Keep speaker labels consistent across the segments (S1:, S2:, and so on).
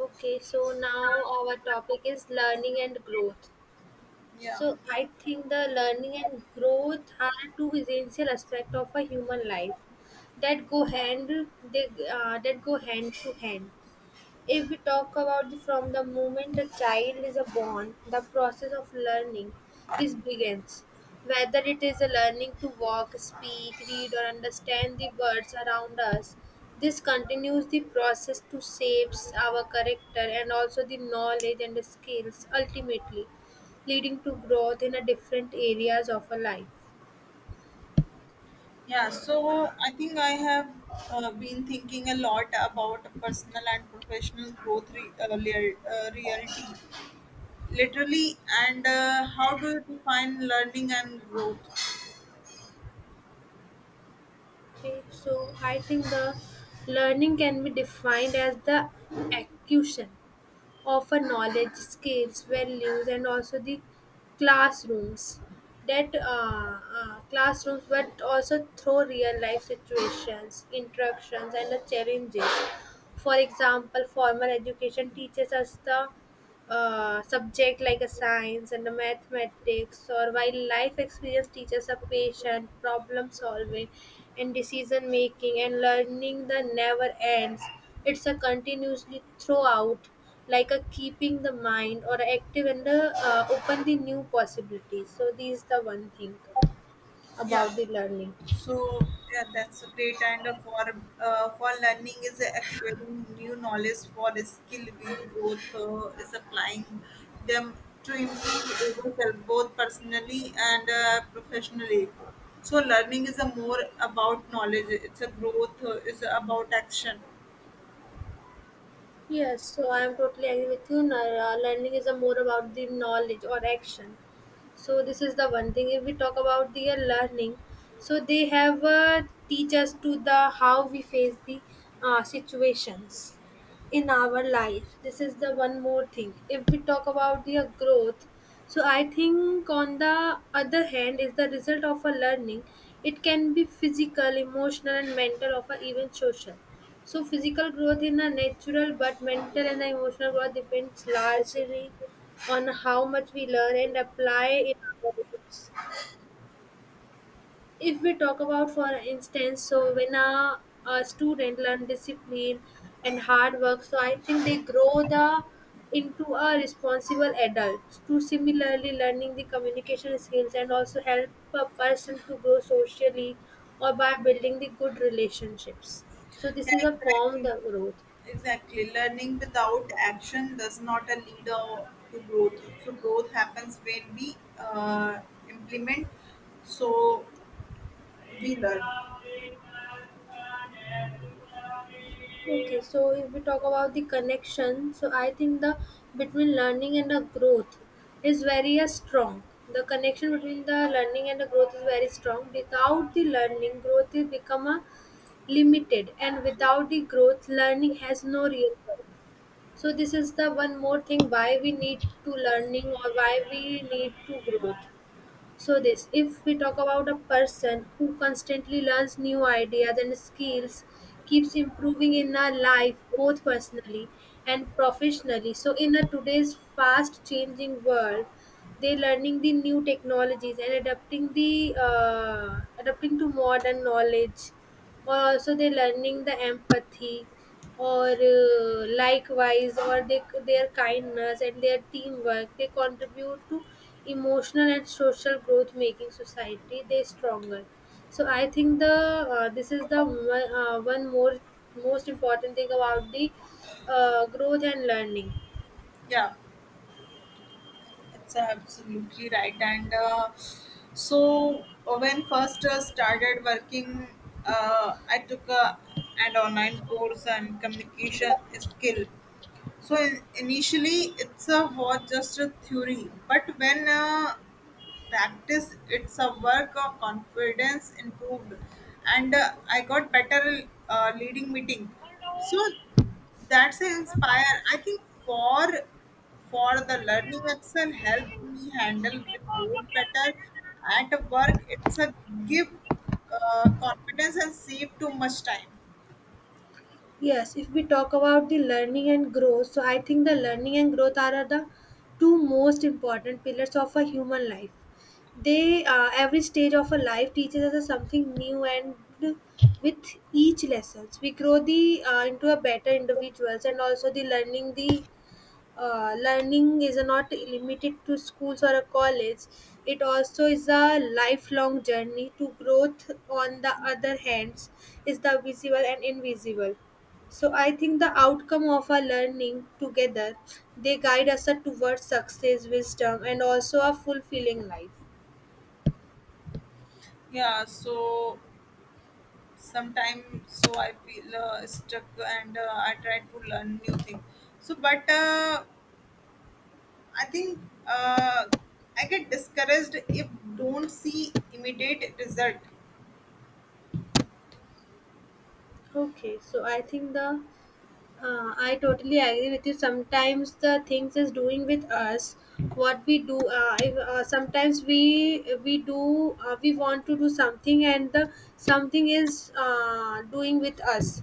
S1: Okay, so now our topic is learning and growth.
S2: Yeah,
S1: So I think the learning and growth are two essential aspects of a human life that go hand they that go hand to hand. If we talk about the, from the moment the child is a born, the process of learning is begins. Whether it is a learning to walk, speak, read, or understand the words around us, this continues the process to shapes our character and also the knowledge and the skills ultimately, leading to growth in a different areas of our life.
S2: yeah. So I think I have been thinking a lot about personal and professional growth reality, literally, and how do you define learning and growth?
S1: Okay, so I think the learning can be defined as the acquisition offer knowledge, skills, values, and also the classrooms. That classrooms, but also through real life situations, interactions, and the challenges. For example, formal education teaches us the subject like a science and a mathematics or while life experience teaches a patient problem solving and decision making and learning that never ends, it's a continuously throughout, like a keeping the mind or active and a, open the new possibilities. So these the one thing
S2: Yeah.
S1: about the learning.
S2: So, that's a great and for learning is acquiring new knowledge for skill will growth is applying them to improve ourselves both personally and professionally. So learning is a more about knowledge. It's a growth. It's about action.
S1: Yes, so I am totally agree with you. Now, learning is a more about the knowledge or action. So this is the one thing. If we talk about the learning, so they have teach us to the how we face the situations in our life. This is the one more thing. If we talk about the growth, so I think on the other hand is the result of a learning. It can be physical, emotional, and mental, of a even social. So physical growth in a natural, but mental and emotional growth depends largely on how much we learn and apply in our lives. If we talk about, for instance, so when a student learn discipline and hard work, so I think they grow the into a responsible adult. To similarly, learning the communication skills and also help a person to grow socially or by building the good relationships. So this
S2: Yeah,
S1: is a form
S2: exactly.
S1: the growth.
S2: Exactly. Learning without action does not a lead to growth. So growth happens when we implement. So we learn.
S1: Okay, so if we talk about the connection, so I think the between learning and the growth is very strong. The connection between the learning and the growth is very strong. Without the learning, growth is become a limited, and without the growth, learning has no real purpose. So this is the one more thing why we need to learning or why we need to growth. So this, if we talk about a person who constantly learns new ideas and skills, keeps improving in our life both personally and professionally. So in a today's fast changing world, they learning the new technologies and adapting the adapting to modern knowledge or so they're learning the empathy or likewise or their kindness and their teamwork they contribute to emotional and social growth making society they stronger. So I think the this is the one more most important thing about the growth and learning.
S2: Yeah, it's absolutely right. And when first started working, I took an online course on communication skill. So initially, it's was just a theory, but when practice it's a work of confidence improved and I got better leading meeting so that's a inspire I think for the learning excel help me handle report better at work it's a give confidence and save too much time.
S1: Yes, if we talk about the learning and growth, so I think the learning and growth are the two most important pillars of a human life. They, every stage of a life teaches us something new, and with each lessons, we grow the into a better individuals. And also the learning is not limited to schools or a college, it also is a lifelong journey to growth on the other hands is the visible and invisible. So I think the outcome of our learning together, they guide us towards success, wisdom, and also a fulfilling life.
S2: Yeah, so sometime so I feel stuck and I try to learn new thing so but I think uh, I get discouraged if don't see immediate result.
S1: Okay, so I think the I totally agree with you. Sometimes the things is doing with us what we do. If, sometimes we do we want to do something and the something is doing with us.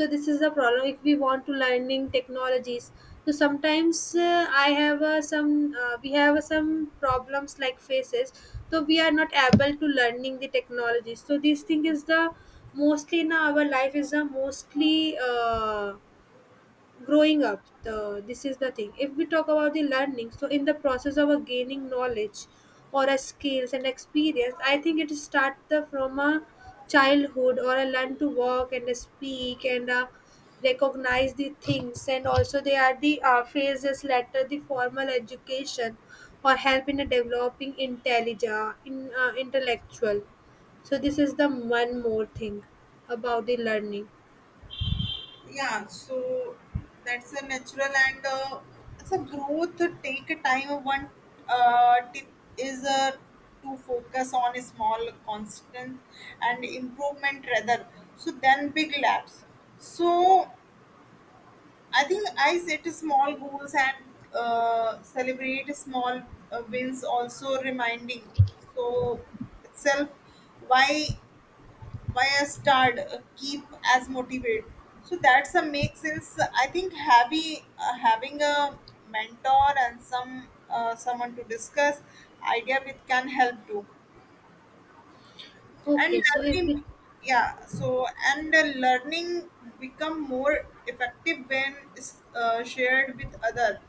S1: So this is the problem. If we want to learning technologies, so sometimes I have some we have some problems like faces. So we are not able to learning the technologies. So this thing is the mostly now our life is the mostly. Growing up the this is the thing if we talk about the learning, so in the process of a gaining knowledge or a skills and experience, I think it starts the from a childhood or a learn to walk and a speak and recognize the things and also they are the phases later the formal education or help in a developing intelligent in intellectual. So this is the one more thing about the learning.
S2: Yeah, so that's a natural and it's a growth to take a time. One tip is to focus on a small constant and improvement rather. So then big laps. So I think I set small goals and celebrate small wins. Also reminding so itself why why I start keep as motivate. So that's a make sense. I think having a mentor and someone to discuss idea with can help too. And
S1: Okay, so if
S2: learning,
S1: we
S2: yeah. So and learning become more effective when shared with others.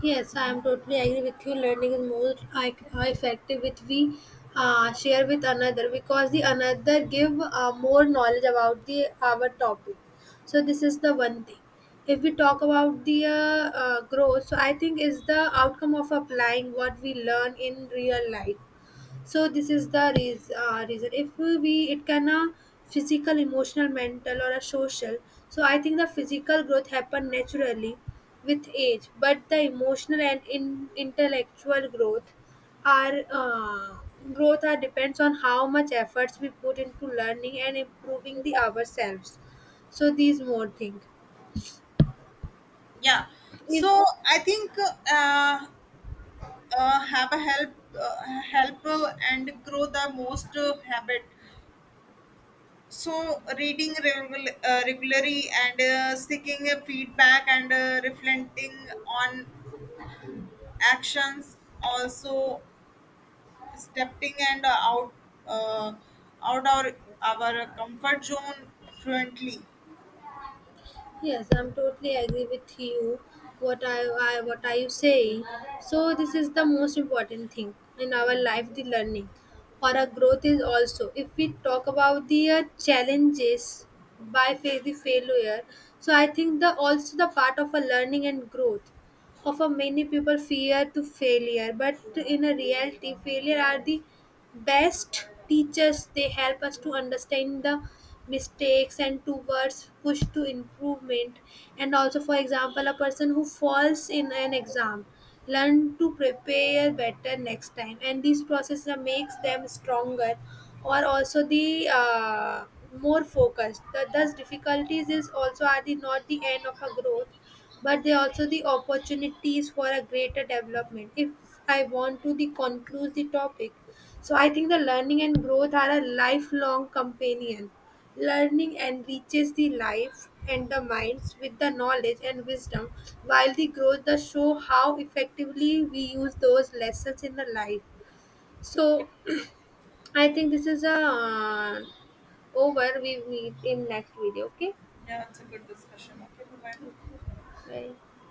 S1: Yes, I am totally agree with you. Learning is more I effective with we share with another because the another give more knowledge about the our topic. So this is the one thing. If we talk about the growth, so I think is the outcome of applying what we learn in real life. So this is the reason if we it can a physical, emotional, mental, or a social. So I think the physical growth happen naturally with age, but the emotional and intellectual are uh, growth are depends on how much efforts we put into learning and improving the ourselves. So these more things
S2: Yeah,
S1: if
S2: so I think uh, have a help uh, help and grow the most habit, so reading regularly and seeking a feedback and reflecting on actions, also stepping and out uh, out our comfort zone fluently.
S1: Yes, I'm totally agree with you. What I what are you saying? So this is the most important thing in our life, the learning or our growth is also. If we talk about the challenges by the failure, so I think the also the part of a learning and growth. Often many people fear to failure, but in a reality, failure are the best teachers. They help us to understand the mistakes and towards push to improvement. And also, for example, a person who falls in an exam learn to prepare better next time, and this process makes them stronger, or also the more focused. Thus, difficulties is also are the not the end of a growth, but they also the opportunities for a greater development. If I want to the conclude the topic, so I think the learning and growth are a lifelong companion. Learning enriches the life and the minds with the knowledge and wisdom, while the growth does show how effectively we use those lessons in the life. So I think this is a over, we meet in next video. Okay,
S2: Yeah, it's a good discussion. Okay, bye bye.
S1: bye.